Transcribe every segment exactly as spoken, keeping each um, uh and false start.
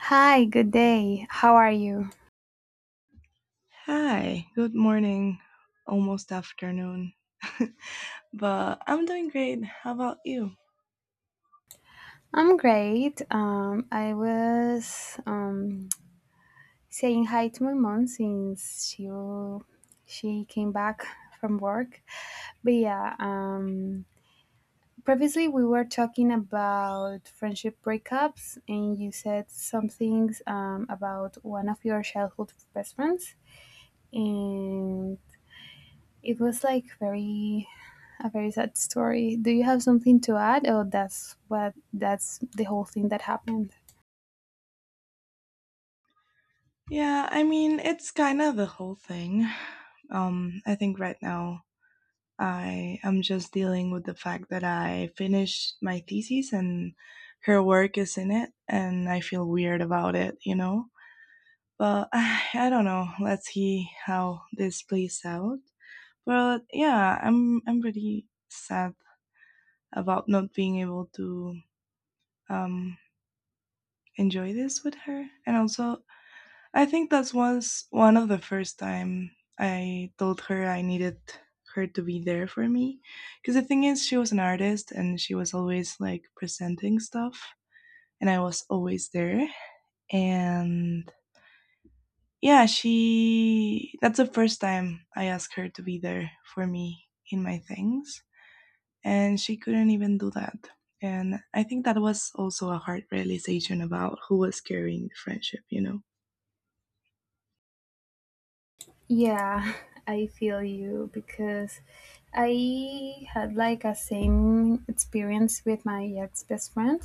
Hi, good day. How are you? Hi, good morning, almost afternoon. But I'm doing great. How about you? I'm great. Um, I was um, saying hi to my mom since she she came back from work. But yeah, um, previously we were talking about friendship breakups, and you said some things um, about one of your childhood best friends. And it was like very a very sad story. Do you have something to add? Oh, that's what that's the whole thing that happened. Yeah, I mean, it's kind of the whole thing. Um, I think right now I am just dealing with the fact that I finished my thesis and her work is in it, and I feel weird about it, you know? But I don't know. Let's see how this plays out. But yeah, I'm I'm pretty sad about not being able to um enjoy this with her. And also, I think that was one of the first time I told her I needed her to be there for me because the thing is she was an artist and she was always like presenting stuff and I was always there and yeah, she that's the first time I asked her to be there for me in my things and she couldn't even do that. And I think that was also a hard realization about who was carrying the friendship, you know? Yeah, I feel you because I had like a same experience with my ex best friend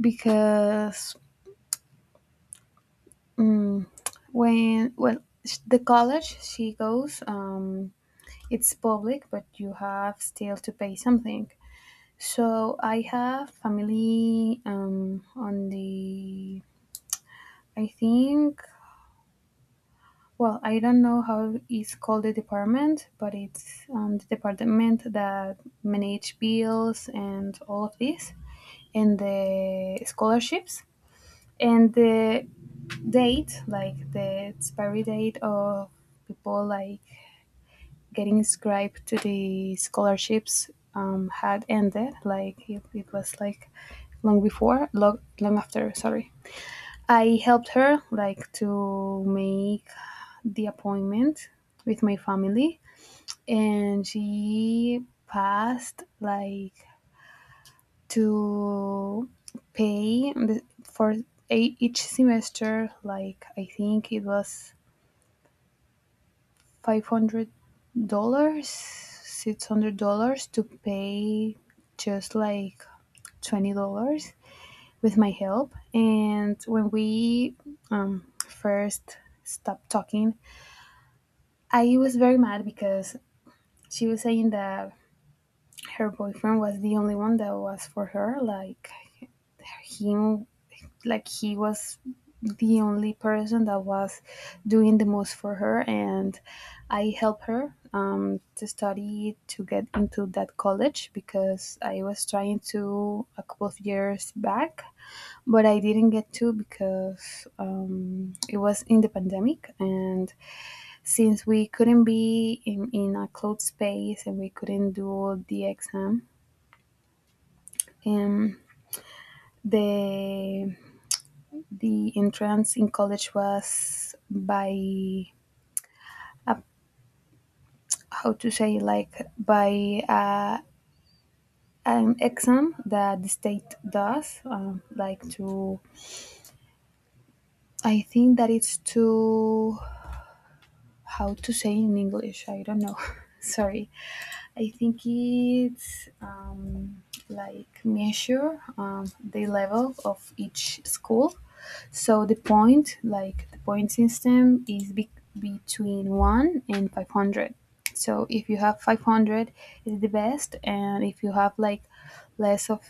because mm when, well, sh- the college she goes, um, it's public but you have still to pay something. So I have family um, on the, I think, well, I don't know how it's called the department, but it's um, the department that manage bills and all of this and the scholarships and the date, like the expiry date of people like getting inscribed to the scholarships um, had ended. Like it, it was like long before, long, long after, sorry. I helped her like to make the appointment with my family and she passed like to pay the, for a, each semester like I think it was five hundred dollars, six hundred dollars to pay just like twenty dollars with my help. And when we um, first stopped talking, I was very mad because she was saying that her boyfriend was the only one that was for her. Like him, like he was the only person that was doing the most for her, and I helped her um, to study to get into that college because I was trying to a couple of years back, but I didn't get to because um, it was in the pandemic and since we couldn't be in, in a closed space and we couldn't do the exam. um, the the entrance in college was by uh, how to say, like, by uh, an exam that the state does, um, like to, I think that it's to, how to say in English, I don't know, sorry. I think it's um, like measure um, the level of each school. So the point, like the point system, is be- between one and five hundred. So if you have five hundred, is the best, and if you have like less of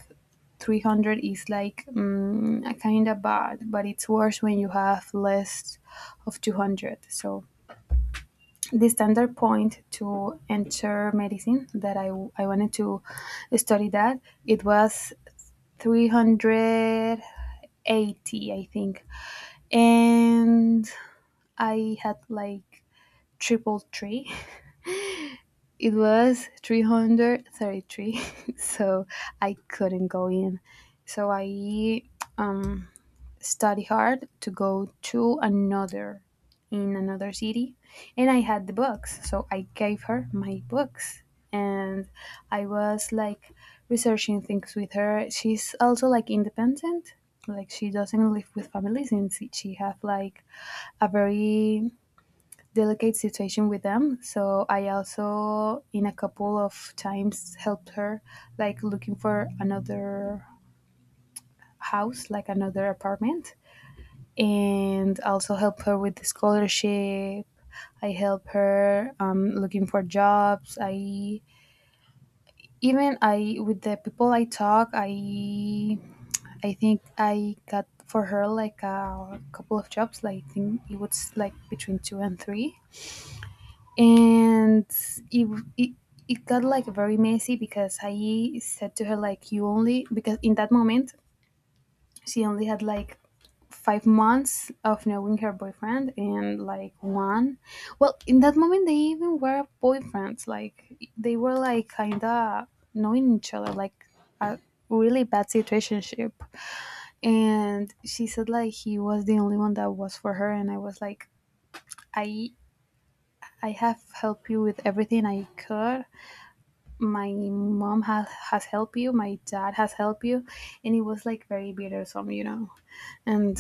three hundred, is like mm, kind of bad. But it's worse when you have less of two hundred. So the standard point to enter medicine that I, I wanted to study, that it was three hundred eighty, I think. And I had like triple three. It was three hundred thirty-three. So I couldn't go in, so I study hard to go to another, in another city. And I had the books, so I gave her my books. And I was like researching things with her. She's also like independent, like she doesn't live with family since she have like a very delicate situation with them. So I also in a couple of times helped her like looking for another house, like another apartment, and also help her with the scholarship. I help her um, looking for jobs. I even I with the people I talk. I I think I got for her like a couple of jobs. Like I think it was like between two and three, and it it, it got like very messy because I said to her, like, you only, because in that moment she only had like five months of knowing her boyfriend, and like one, well, in that moment they even were boyfriends, like they were like kinda knowing each other, like a really bad situationship. And she said like he was the only one that was for her, and I was like, i I have helped you with everything I could. My mom has has helped you, my dad has helped you. And it was like very bitter, you know. And,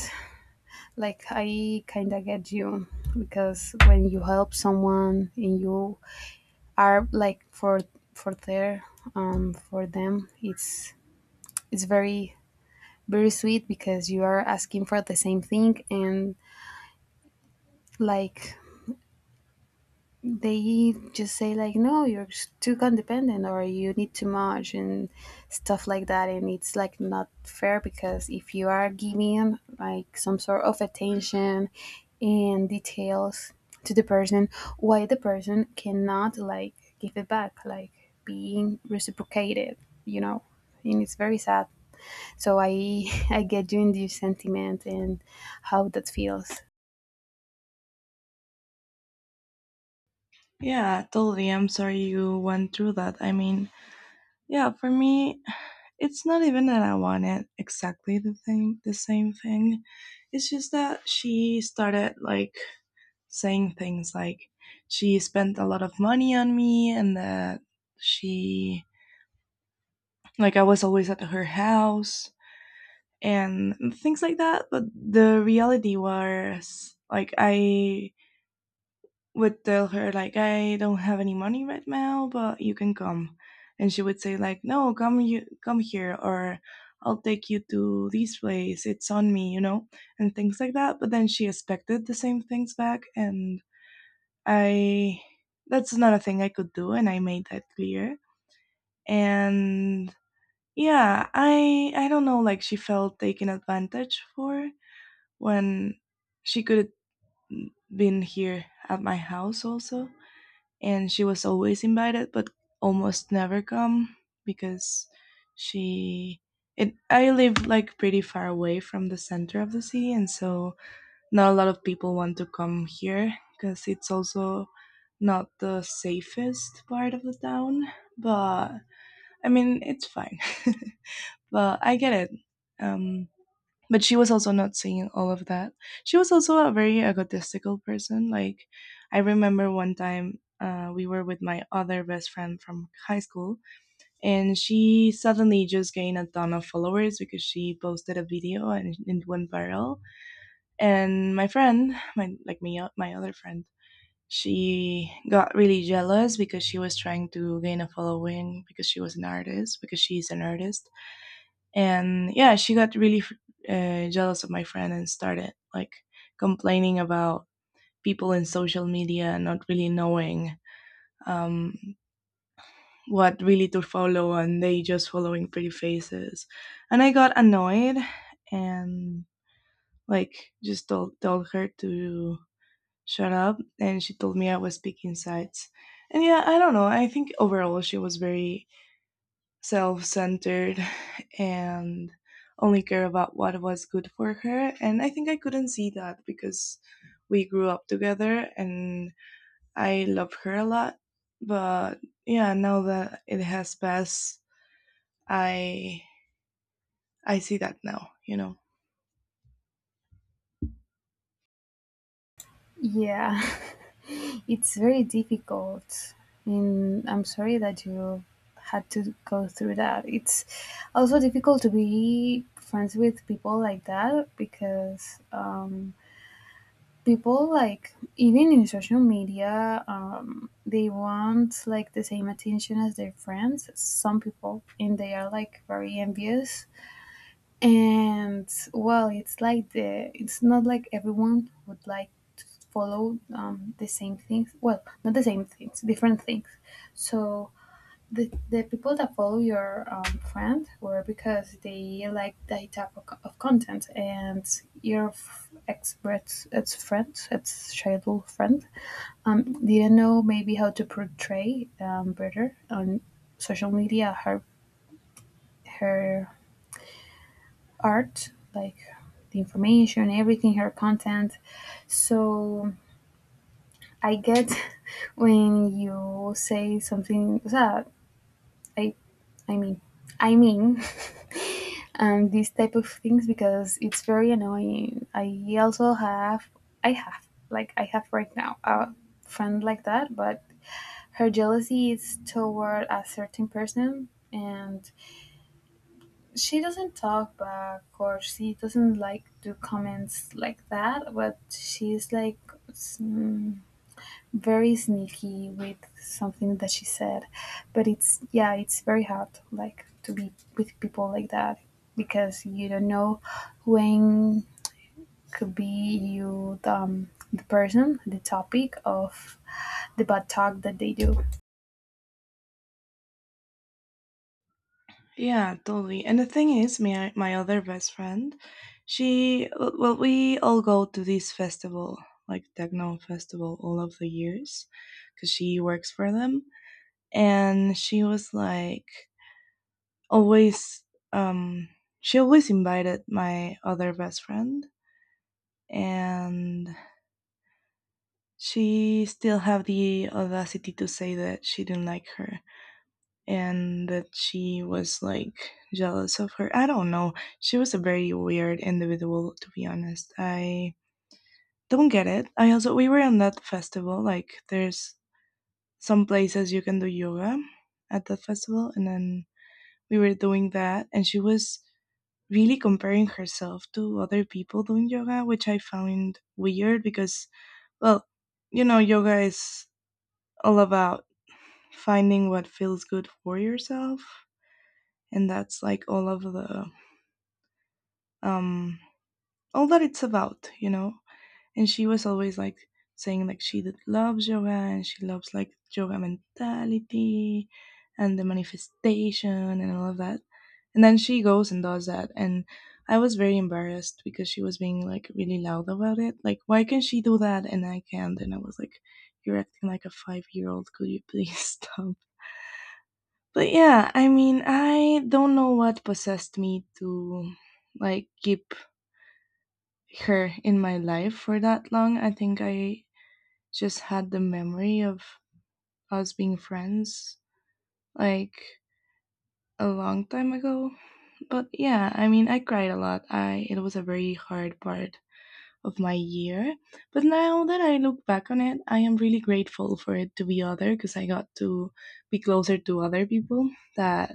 like, I kind of get you because when you help someone and you are like for for their um for them, it's it's very very sweet because you are asking for the same thing. And, like, they just say like no, you're s- too codependent, or you need too much and stuff like that. And it's like not fair because if you are giving like some sort of attention and details to the person, why the person cannot like give it back, like being reciprocated, you know. And it's very sad. So I I get you in this sentiment and how that feels. Yeah, totally. I'm sorry you went through that. I mean, yeah, for me, it's not even that I wanted exactly the thing, the same thing. It's just that she started like saying things like she spent a lot of money on me and that she like I was always at her house and things like that. But the reality was like I would tell her like I don't have any money right now but you can come and she would say like no come you come here or I'll take you to this place, it's on me, you know, and things like that but then she expected the same things back and I that's not a thing I could do and I made that clear. And yeah, i i don't know, like, she felt taken advantage for when she could have been here at my house also, and she was always invited but almost never come because she it I live like pretty far away from the center of the city, and so not a lot of people want to come here because it's also not the safest part of the town. But I mean, it's fine. But I get it. um but she was also not saying all of that. She was also a very egotistical person. Like, I remember one time uh, we were with my other best friend from high school, and she suddenly just gained a ton of followers because she posted a video and it went viral. And my friend, my like me, uh, my other friend, she got really jealous because she was trying to gain a following because she was an artist because she's an artist. And yeah, she got really uh, jealous of my friend and started like complaining about people in social media not really knowing um, what really to follow and they just following pretty faces. And I got annoyed and like just told, told her to shut up, and she told me I was speaking sides. And yeah, I don't know, I think overall she was very self centered and only care about what was good for her. And I think I couldn't see that because we grew up together and I love her a lot. But yeah, now that it has passed, I I see that now, you know. Yeah, it's very difficult. And I'm sorry that you had to go through that. It's also difficult to be friends with people like that because um, people, like, even in social media, um, they want like the same attention as their friends. Some people, and they are like very envious. And, well, it's like the it's not like everyone would like to follow um, the same things. Well, not the same things, different things. So the the people that follow your um, friend were because they like that type of, co- of content. And your f- ex ex friend, ex childhood friend, um, didn't know maybe how to portray um, better on social media her her art, like the information, everything, her content. So I get when you say something. So I, I mean, I mean, um, these type of things, because it's very annoying. I also have, I have, like, I have right now a friend like that, but her jealousy is toward a certain person, and she doesn't talk back, or she doesn't like do comments like that, but she's like mm, very sneaky with something that she said. But it's, yeah, it's very hard like to be with people like that, because you don't know when could be you the, um, the person, the topic of the bad talk that they do. Yeah, totally. And the thing is, my my other best friend, she well, we all go to this festival, like techno festival, all of the years, because she works for them. And she was like always, um, she always invited my other best friend, and she still have the audacity to say that she didn't like her and that she was like jealous of her. I don't know. She was a very weird individual, to be honest. I don't get it. I also, we were on that festival. Like, there's some places you can do yoga at that festival, and then we were doing that, and she was really comparing herself to other people doing yoga, which I found weird because, well, you know, yoga is all about finding what feels good for yourself. And that's like all of the um, all that it's about, you know. And she was always like saying like she that loves yoga and she loves like yoga mentality and the manifestation and all of that. And then she goes and does that, and I was very embarrassed because she was being like really loud about it. Like, why can she do that and I can't? And I was like, you're acting like a five year old. Could you please stop? But yeah, I mean, I don't know what possessed me to like keep her in my life for that long. I think I just had the memory of us being friends like a long time ago. But yeah, I mean, I cried a lot. I it was a very hard part of my year. But now that I look back on it, I am really grateful for it to be other because I got to be closer to other people that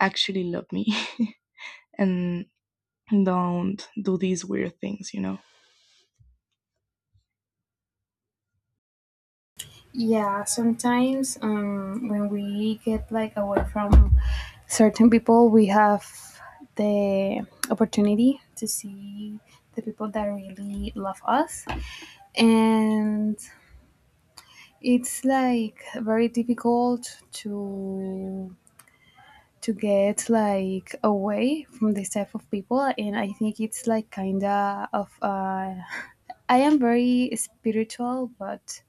actually love me and don't do these weird things, you know. Yeah, sometimes um, when we get like away from certain people, we have the opportunity to see the people that really love us. And it's like very difficult to to get like away from this type of people. And I think it's like kind of uh, I am very spiritual, but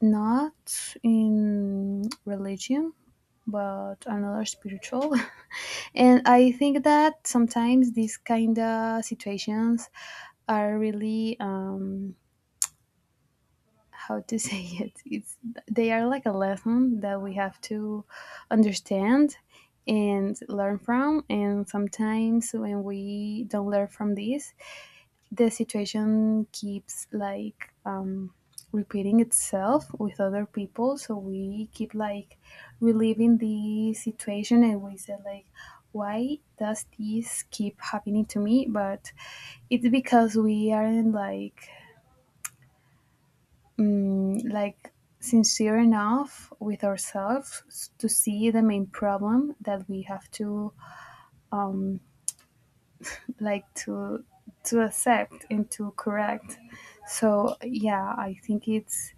not in religion, but another spiritual. And I think that sometimes these kind of situations are really um, how to say it. It's they are like a lesson that we have to understand and learn from. And sometimes when we don't learn from this, the situation keeps like um, repeating itself with other people, so we keep like reliving the situation, and we say like why does this keep happening to me. But it's because we aren't like mm, like sincere enough with ourselves to see the main problem that we have to um, like to to accept and to correct. So yeah, I think it's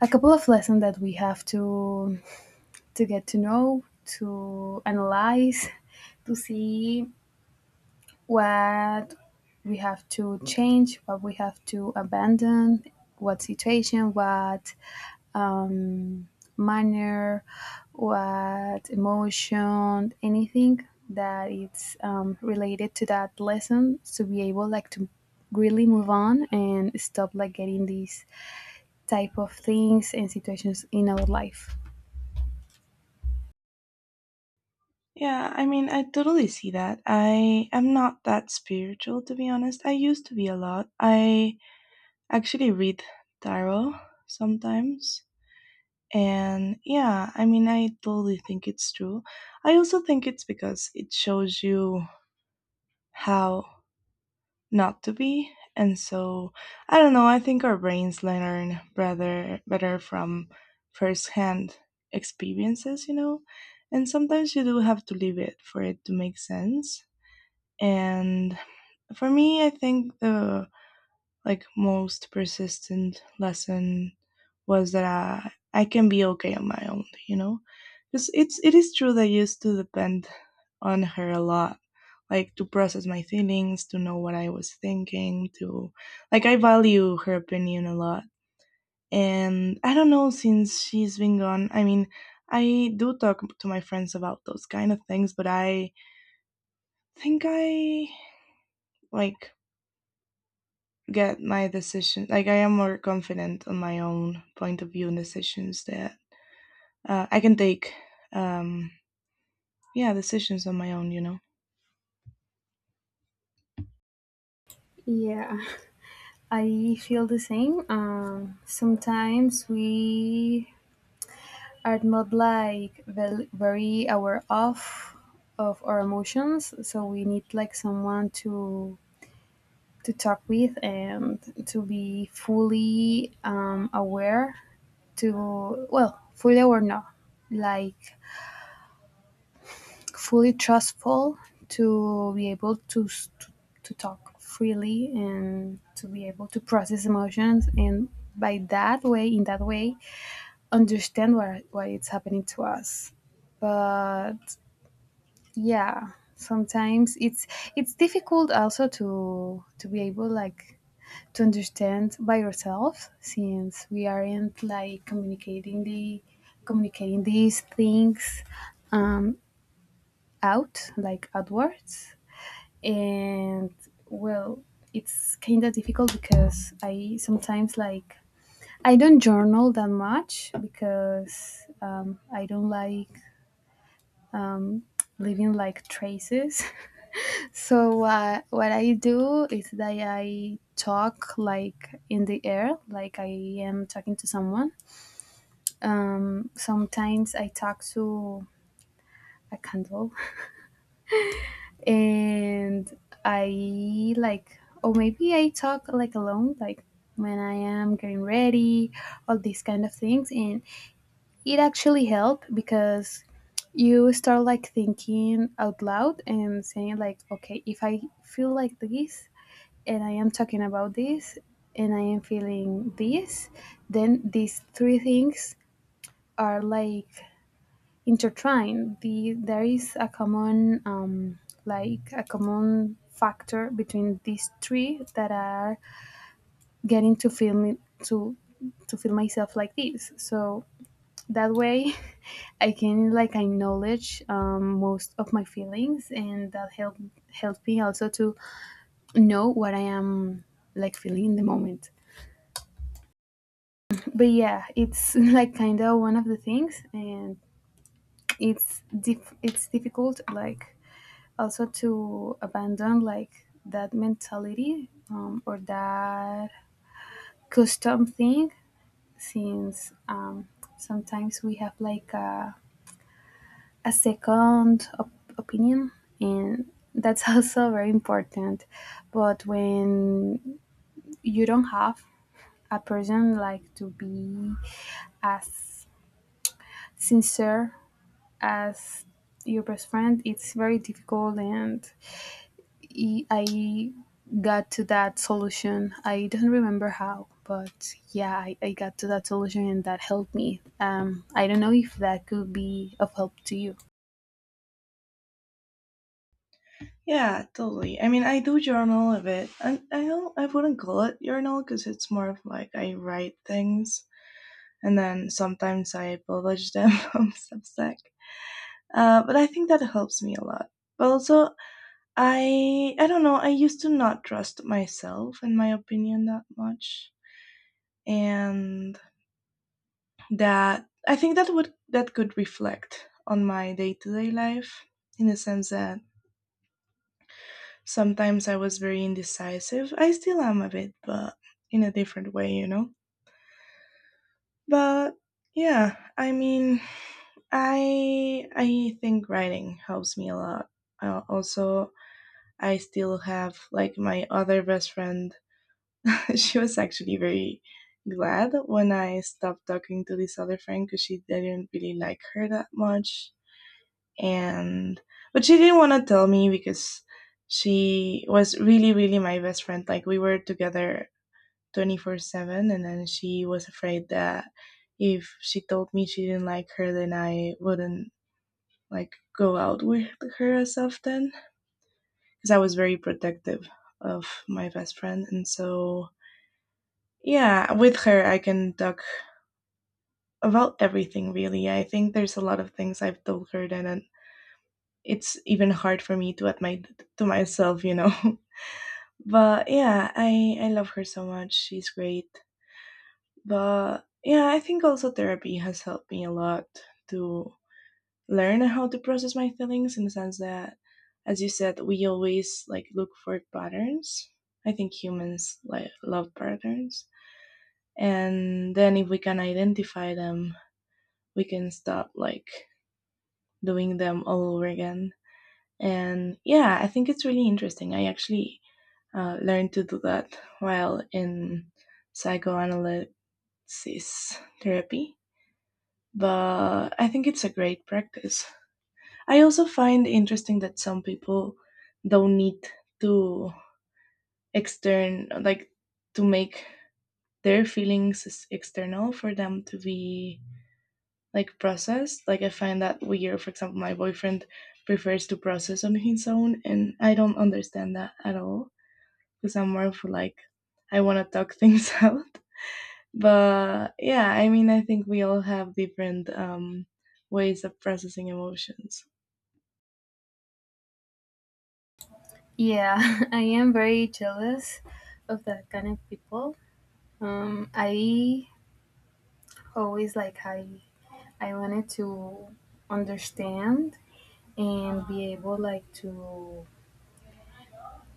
a couple of lessons that we have to to get to know, to analyze, to see what we have to change, what we have to abandon, what situation, what um, manner, what emotion, anything that it's um, related to that lesson, to be able like to really move on and stop like getting these type of things and situations in our life. Yeah, I mean, I totally see that. I am not that spiritual, to be honest. I used to be a lot. I actually read tarot sometimes. And yeah, I mean, I totally think it's true. I also think it's because it shows you how not to be. And so, I don't know, I think our brains learn rather better from firsthand experiences, you know? And sometimes you do have to leave it for it to make sense. And for me, I think the like most persistent lesson was that I, I can be okay on my own, you know? Because it's it is true that I used to depend on her a lot, like to process my feelings, to know what I was thinking, to like I value her opinion a lot. And I don't know since she's been gone. I mean, I do talk to my friends about those kind of things, but I think I like get my decision like I am more confident on my own point of view and decisions that uh, I can take um yeah, decisions on my own, you know. Yeah, I feel the same. Um, sometimes we are not like vel- very aware of of our emotions, so we need like someone to to talk with and to be fully um, aware to, well, fully aware, no, like fully trustful, to be able to s- to, to talk freely and to be able to process emotions, and by that way, in that way, understand what what it's happening to us. But yeah, sometimes it's it's difficult also to to be able like to understand by yourself, since we aren't like communicating the communicating these things um, out, like outwards. And, well, it's kind of difficult because I sometimes like I don't journal that much because um, I don't like um, leaving like traces. So uh, what I do is that I talk like in the air, like I am talking to someone. Um, sometimes I talk to a candle, and I like, or maybe I talk like alone, like when I am getting ready, all these kind of things. And it actually helped because you start like thinking out loud and saying like okay, if I feel like this, and I am talking about this, and I am feeling this, then these three things are like intertwined. The, there is a common, um, like a common factor between these three that are getting to feel me to to feel myself like this. So that way, I can like acknowledge um, most of my feelings, and that help help me also to know what I am like feeling in the moment. But yeah, it's like kind of one of the things, and it's dif- it's difficult, like also to abandon like that mentality um, or that custom thing, since um, sometimes we have like a, a second op- opinion, and that's also very important. But when you don't have a person like to be as sincere as your best friend, it's very difficult. And i I got to that solution. I don't remember how, but yeah, i, I got to that solution and that helped me. Um, i don't know if that could be of help to you. Yeah, totally. I mean, I do journal a bit. I, I don't, I wouldn't call it journal because it's more of like I write things and then sometimes I publish them on Substack. Uh, but I think that helps me a lot. But also I I don't know. I used to not trust myself and my opinion that much, and that I think that would that could reflect on my day to day life in the sense that sometimes I was very indecisive. I still am a bit, but in a different way, you know. But yeah, I mean, I I think writing helps me a lot. Uh, also, I still have like my other best friend. She was actually very glad when I stopped talking to this other friend because she didn't really like her that much. And but she didn't want to tell me because she was really, really my best friend. Like we were together twenty-four seven, and then she was afraid that if she told me she didn't like her, then I wouldn't like go out with her as often because I was very protective of my best friend. And so, yeah, with her, I can talk about everything really. I think there's a lot of things I've told her then and it's even hard for me to admit to myself, you know. But yeah, I I love her so much. She's great. But yeah, I think also therapy has helped me a lot to learn how to process my feelings in the sense that as you said, we always like look for patterns. I think humans like love patterns. And then if we can identify them, we can stop like doing them all over again. And yeah, I think it's really interesting. I actually uh, learned to do that while in psychoanalysis therapy, but I think it's a great practice. I also find interesting that some people don't need to extern like to make their feelings external for them to be like processed. Like I find that weird. For example, my boyfriend prefers to process on his own, and I don't understand that at all because I'm more for like I want to talk things out. But yeah, I mean, I think we all have different um, ways of processing emotions. Yeah, I am very jealous of that kind of people. Um, i always, like i i wanted to understand and be able like to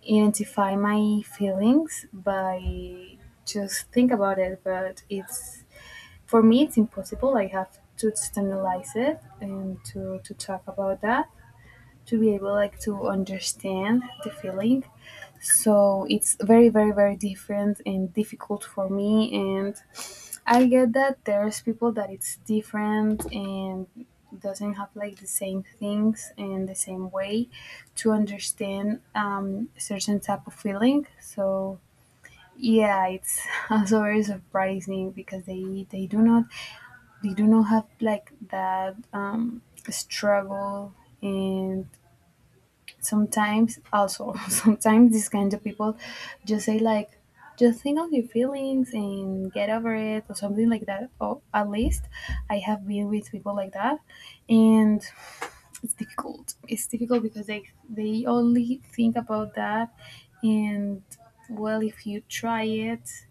identify my feelings by just think about it, but it's, for me, it's impossible. I have to externalize it and to, to talk about that, to be able like to understand the feeling. So it's very, very, very different and difficult for me. And I get that there's people that it's different and doesn't have like the same things in the same way to understand um, certain type of feeling. So yeah, it's also very surprising, because they they do not, they do not have like that um, struggle. And sometimes, also, sometimes these kinds of people just say like, just think of your feelings and get over it, or something like that. Or at least I have been with people like that. And it's difficult. It's difficult because they they only think about that. And, well, if you try it,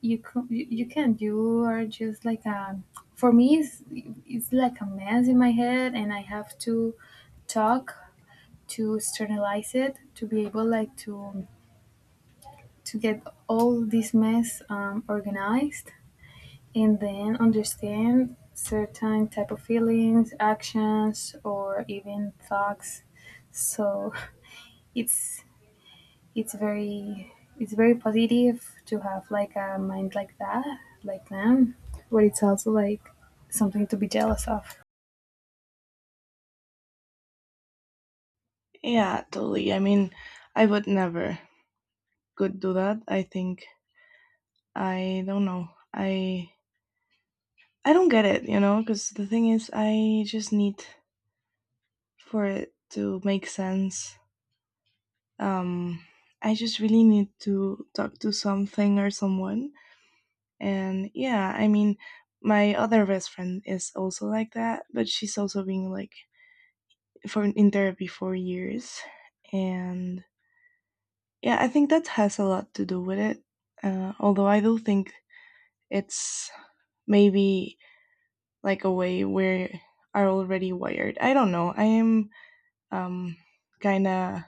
you can, you, you can, you are just like a, for me it's, it's like a mess in my head, and I have to talk, to externalize it, to be able like to to get all this mess um, organized, and then understand certain type of feelings, actions, or even thoughts. So it's it's very, it's very positive to have like a mind like that, like them, but it's also like something to be jealous of. Yeah, totally. I mean, I would never could do that. I think I don't know. I I don't get it, you know, because the thing is, I just need for it to make sense. um I just really need to talk to something or someone. And yeah, I mean, my other best friend is also like that, but she's also been like for in therapy for years. And yeah, I think that has a lot to do with it. Uh, although I do think it's maybe like a way where are already wired. I don't know, I am um kind of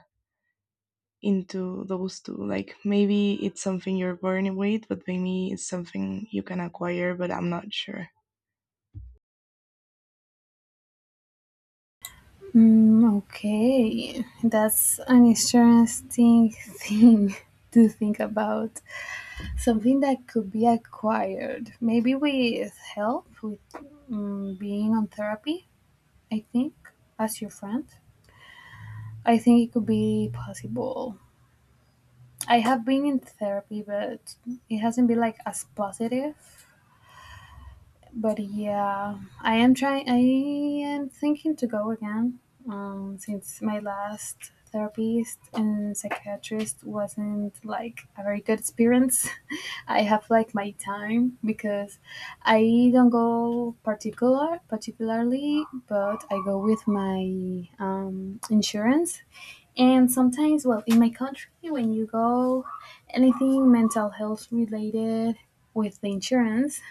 into those two. Like maybe it's something you're born with, but maybe it's something you can acquire, but I'm not sure. Mm, okay, that's an interesting thing to think about. Something that could be acquired, maybe with help, with, mm, being on therapy, I think, as your friend. I think it could be possible. I have been in therapy, but it hasn't been like as positive. But yeah, I am trying. I am thinking to go again. Um, since my last therapist and psychiatrist wasn't like a very good experience, I have like my time, because I don't go particular particularly, but I go with my um, insurance. And sometimes, well, in my country, when you go anything mental health related with the insurance,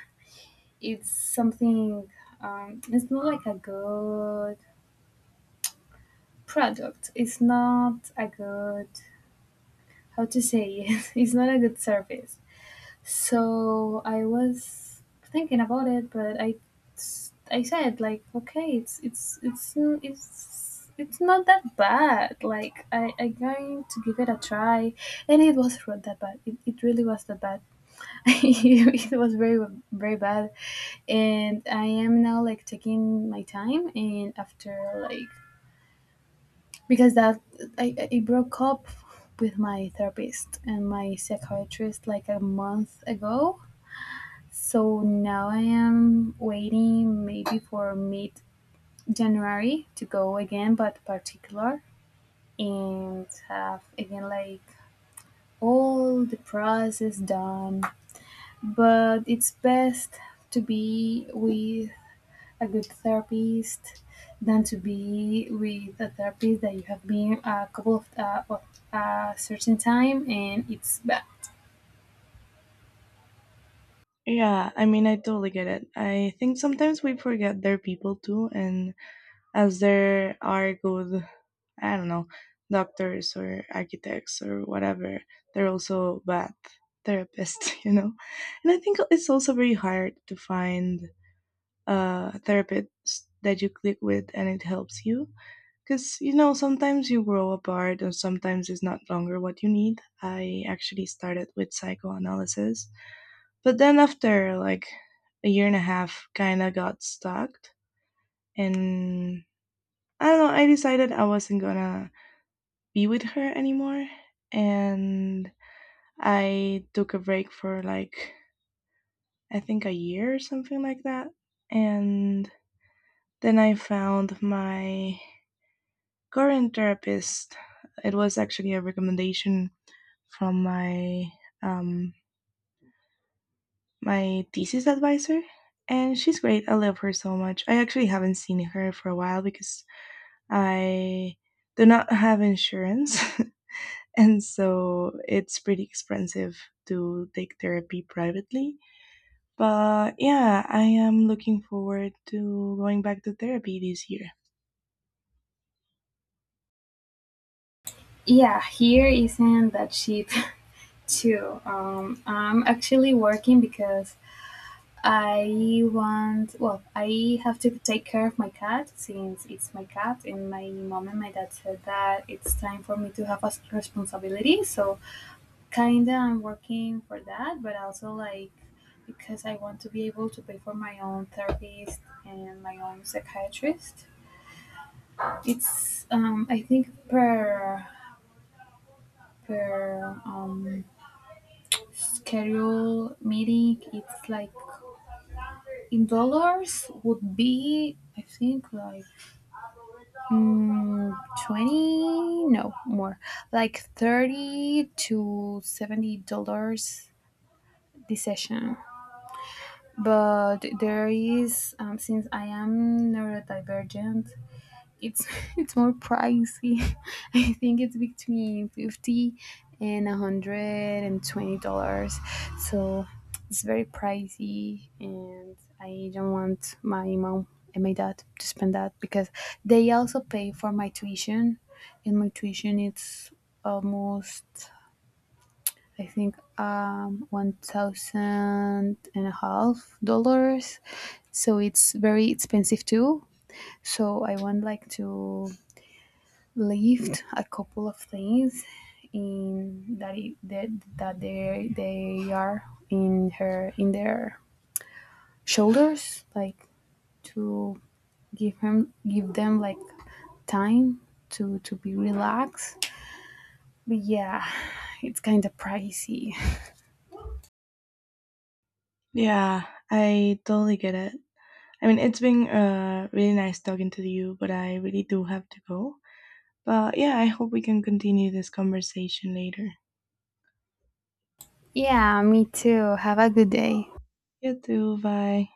it's something, um, it's not like a good product, it's not a good, how to say it, it's not a good service. So I was thinking about it, but i i said like, okay, it's it's it's it's it's not that bad. Like, i i going to give it a try. And it was not that bad. It, it really was that bad. It was very, very bad. And I am now like taking my time. And after like, because that, I, I broke up with my therapist and my psychiatrist like a month ago. So now I am waiting maybe for mid January to go again, but particular, and have again like all the process done. But it's best to be with a good therapist than to be with a therapist that you have been a couple of, uh, of a certain time and it's bad. Yeah, I mean, I totally get it. I think sometimes we forget they're people too, and as there are good, I don't know, doctors or architects or whatever, they're also bad therapists, you know? And I think it's also very hard to find a therapist that you click with and it helps you. Because, you know, sometimes you grow apart and sometimes it's not longer what you need. I actually started with psychoanalysis. But then after like a year and a half, kind of got stuck. And I don't know, I decided I wasn't gonna be with her anymore. And I took a break for like, I think a year or something like that. And then I found my current therapist. It was actually a recommendation from my um my thesis advisor and she's great. I love her so much. I actually haven't seen her for a while because I do not have insurance and so it's pretty expensive to take therapy privately. But yeah, I am looking forward to going back to therapy this year. Yeah, here isn't that cheap too. Um, I'm actually working because I want, well, I have to take care of my cat since it's my cat, and my mom and my dad said that it's time for me to have a responsibility. So kinda, I'm working for that, but also like because I want to be able to pay for my own therapist and my own psychiatrist. It's um, I think per per um, schedule meeting, it's like in dollars would be I think like mm, twenty, no, more like thirty to seventy dollars the session. But there is, um, since I am neurodivergent, it's it's more pricey. I think it's between fifty and one hundred and twenty dollars, so it's very pricey, and I don't want my mom and my dad to spend that, because they also pay for my tuition, and my tuition, it's almost, I think, um, one thousand and a half dollars. So it's very expensive too. So I want like to lift a couple of things in that it, that, that they they are in her in their shoulders, like to give him give them like time to to be relaxed. But yeah, it's kind of pricey. Yeah, I totally get it. I mean, it's been uh, really nice talking to you, but I really do have to go. But yeah, I hope we can continue this conversation later. Yeah, me too. Have a good day. You too. Bye.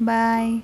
Bye.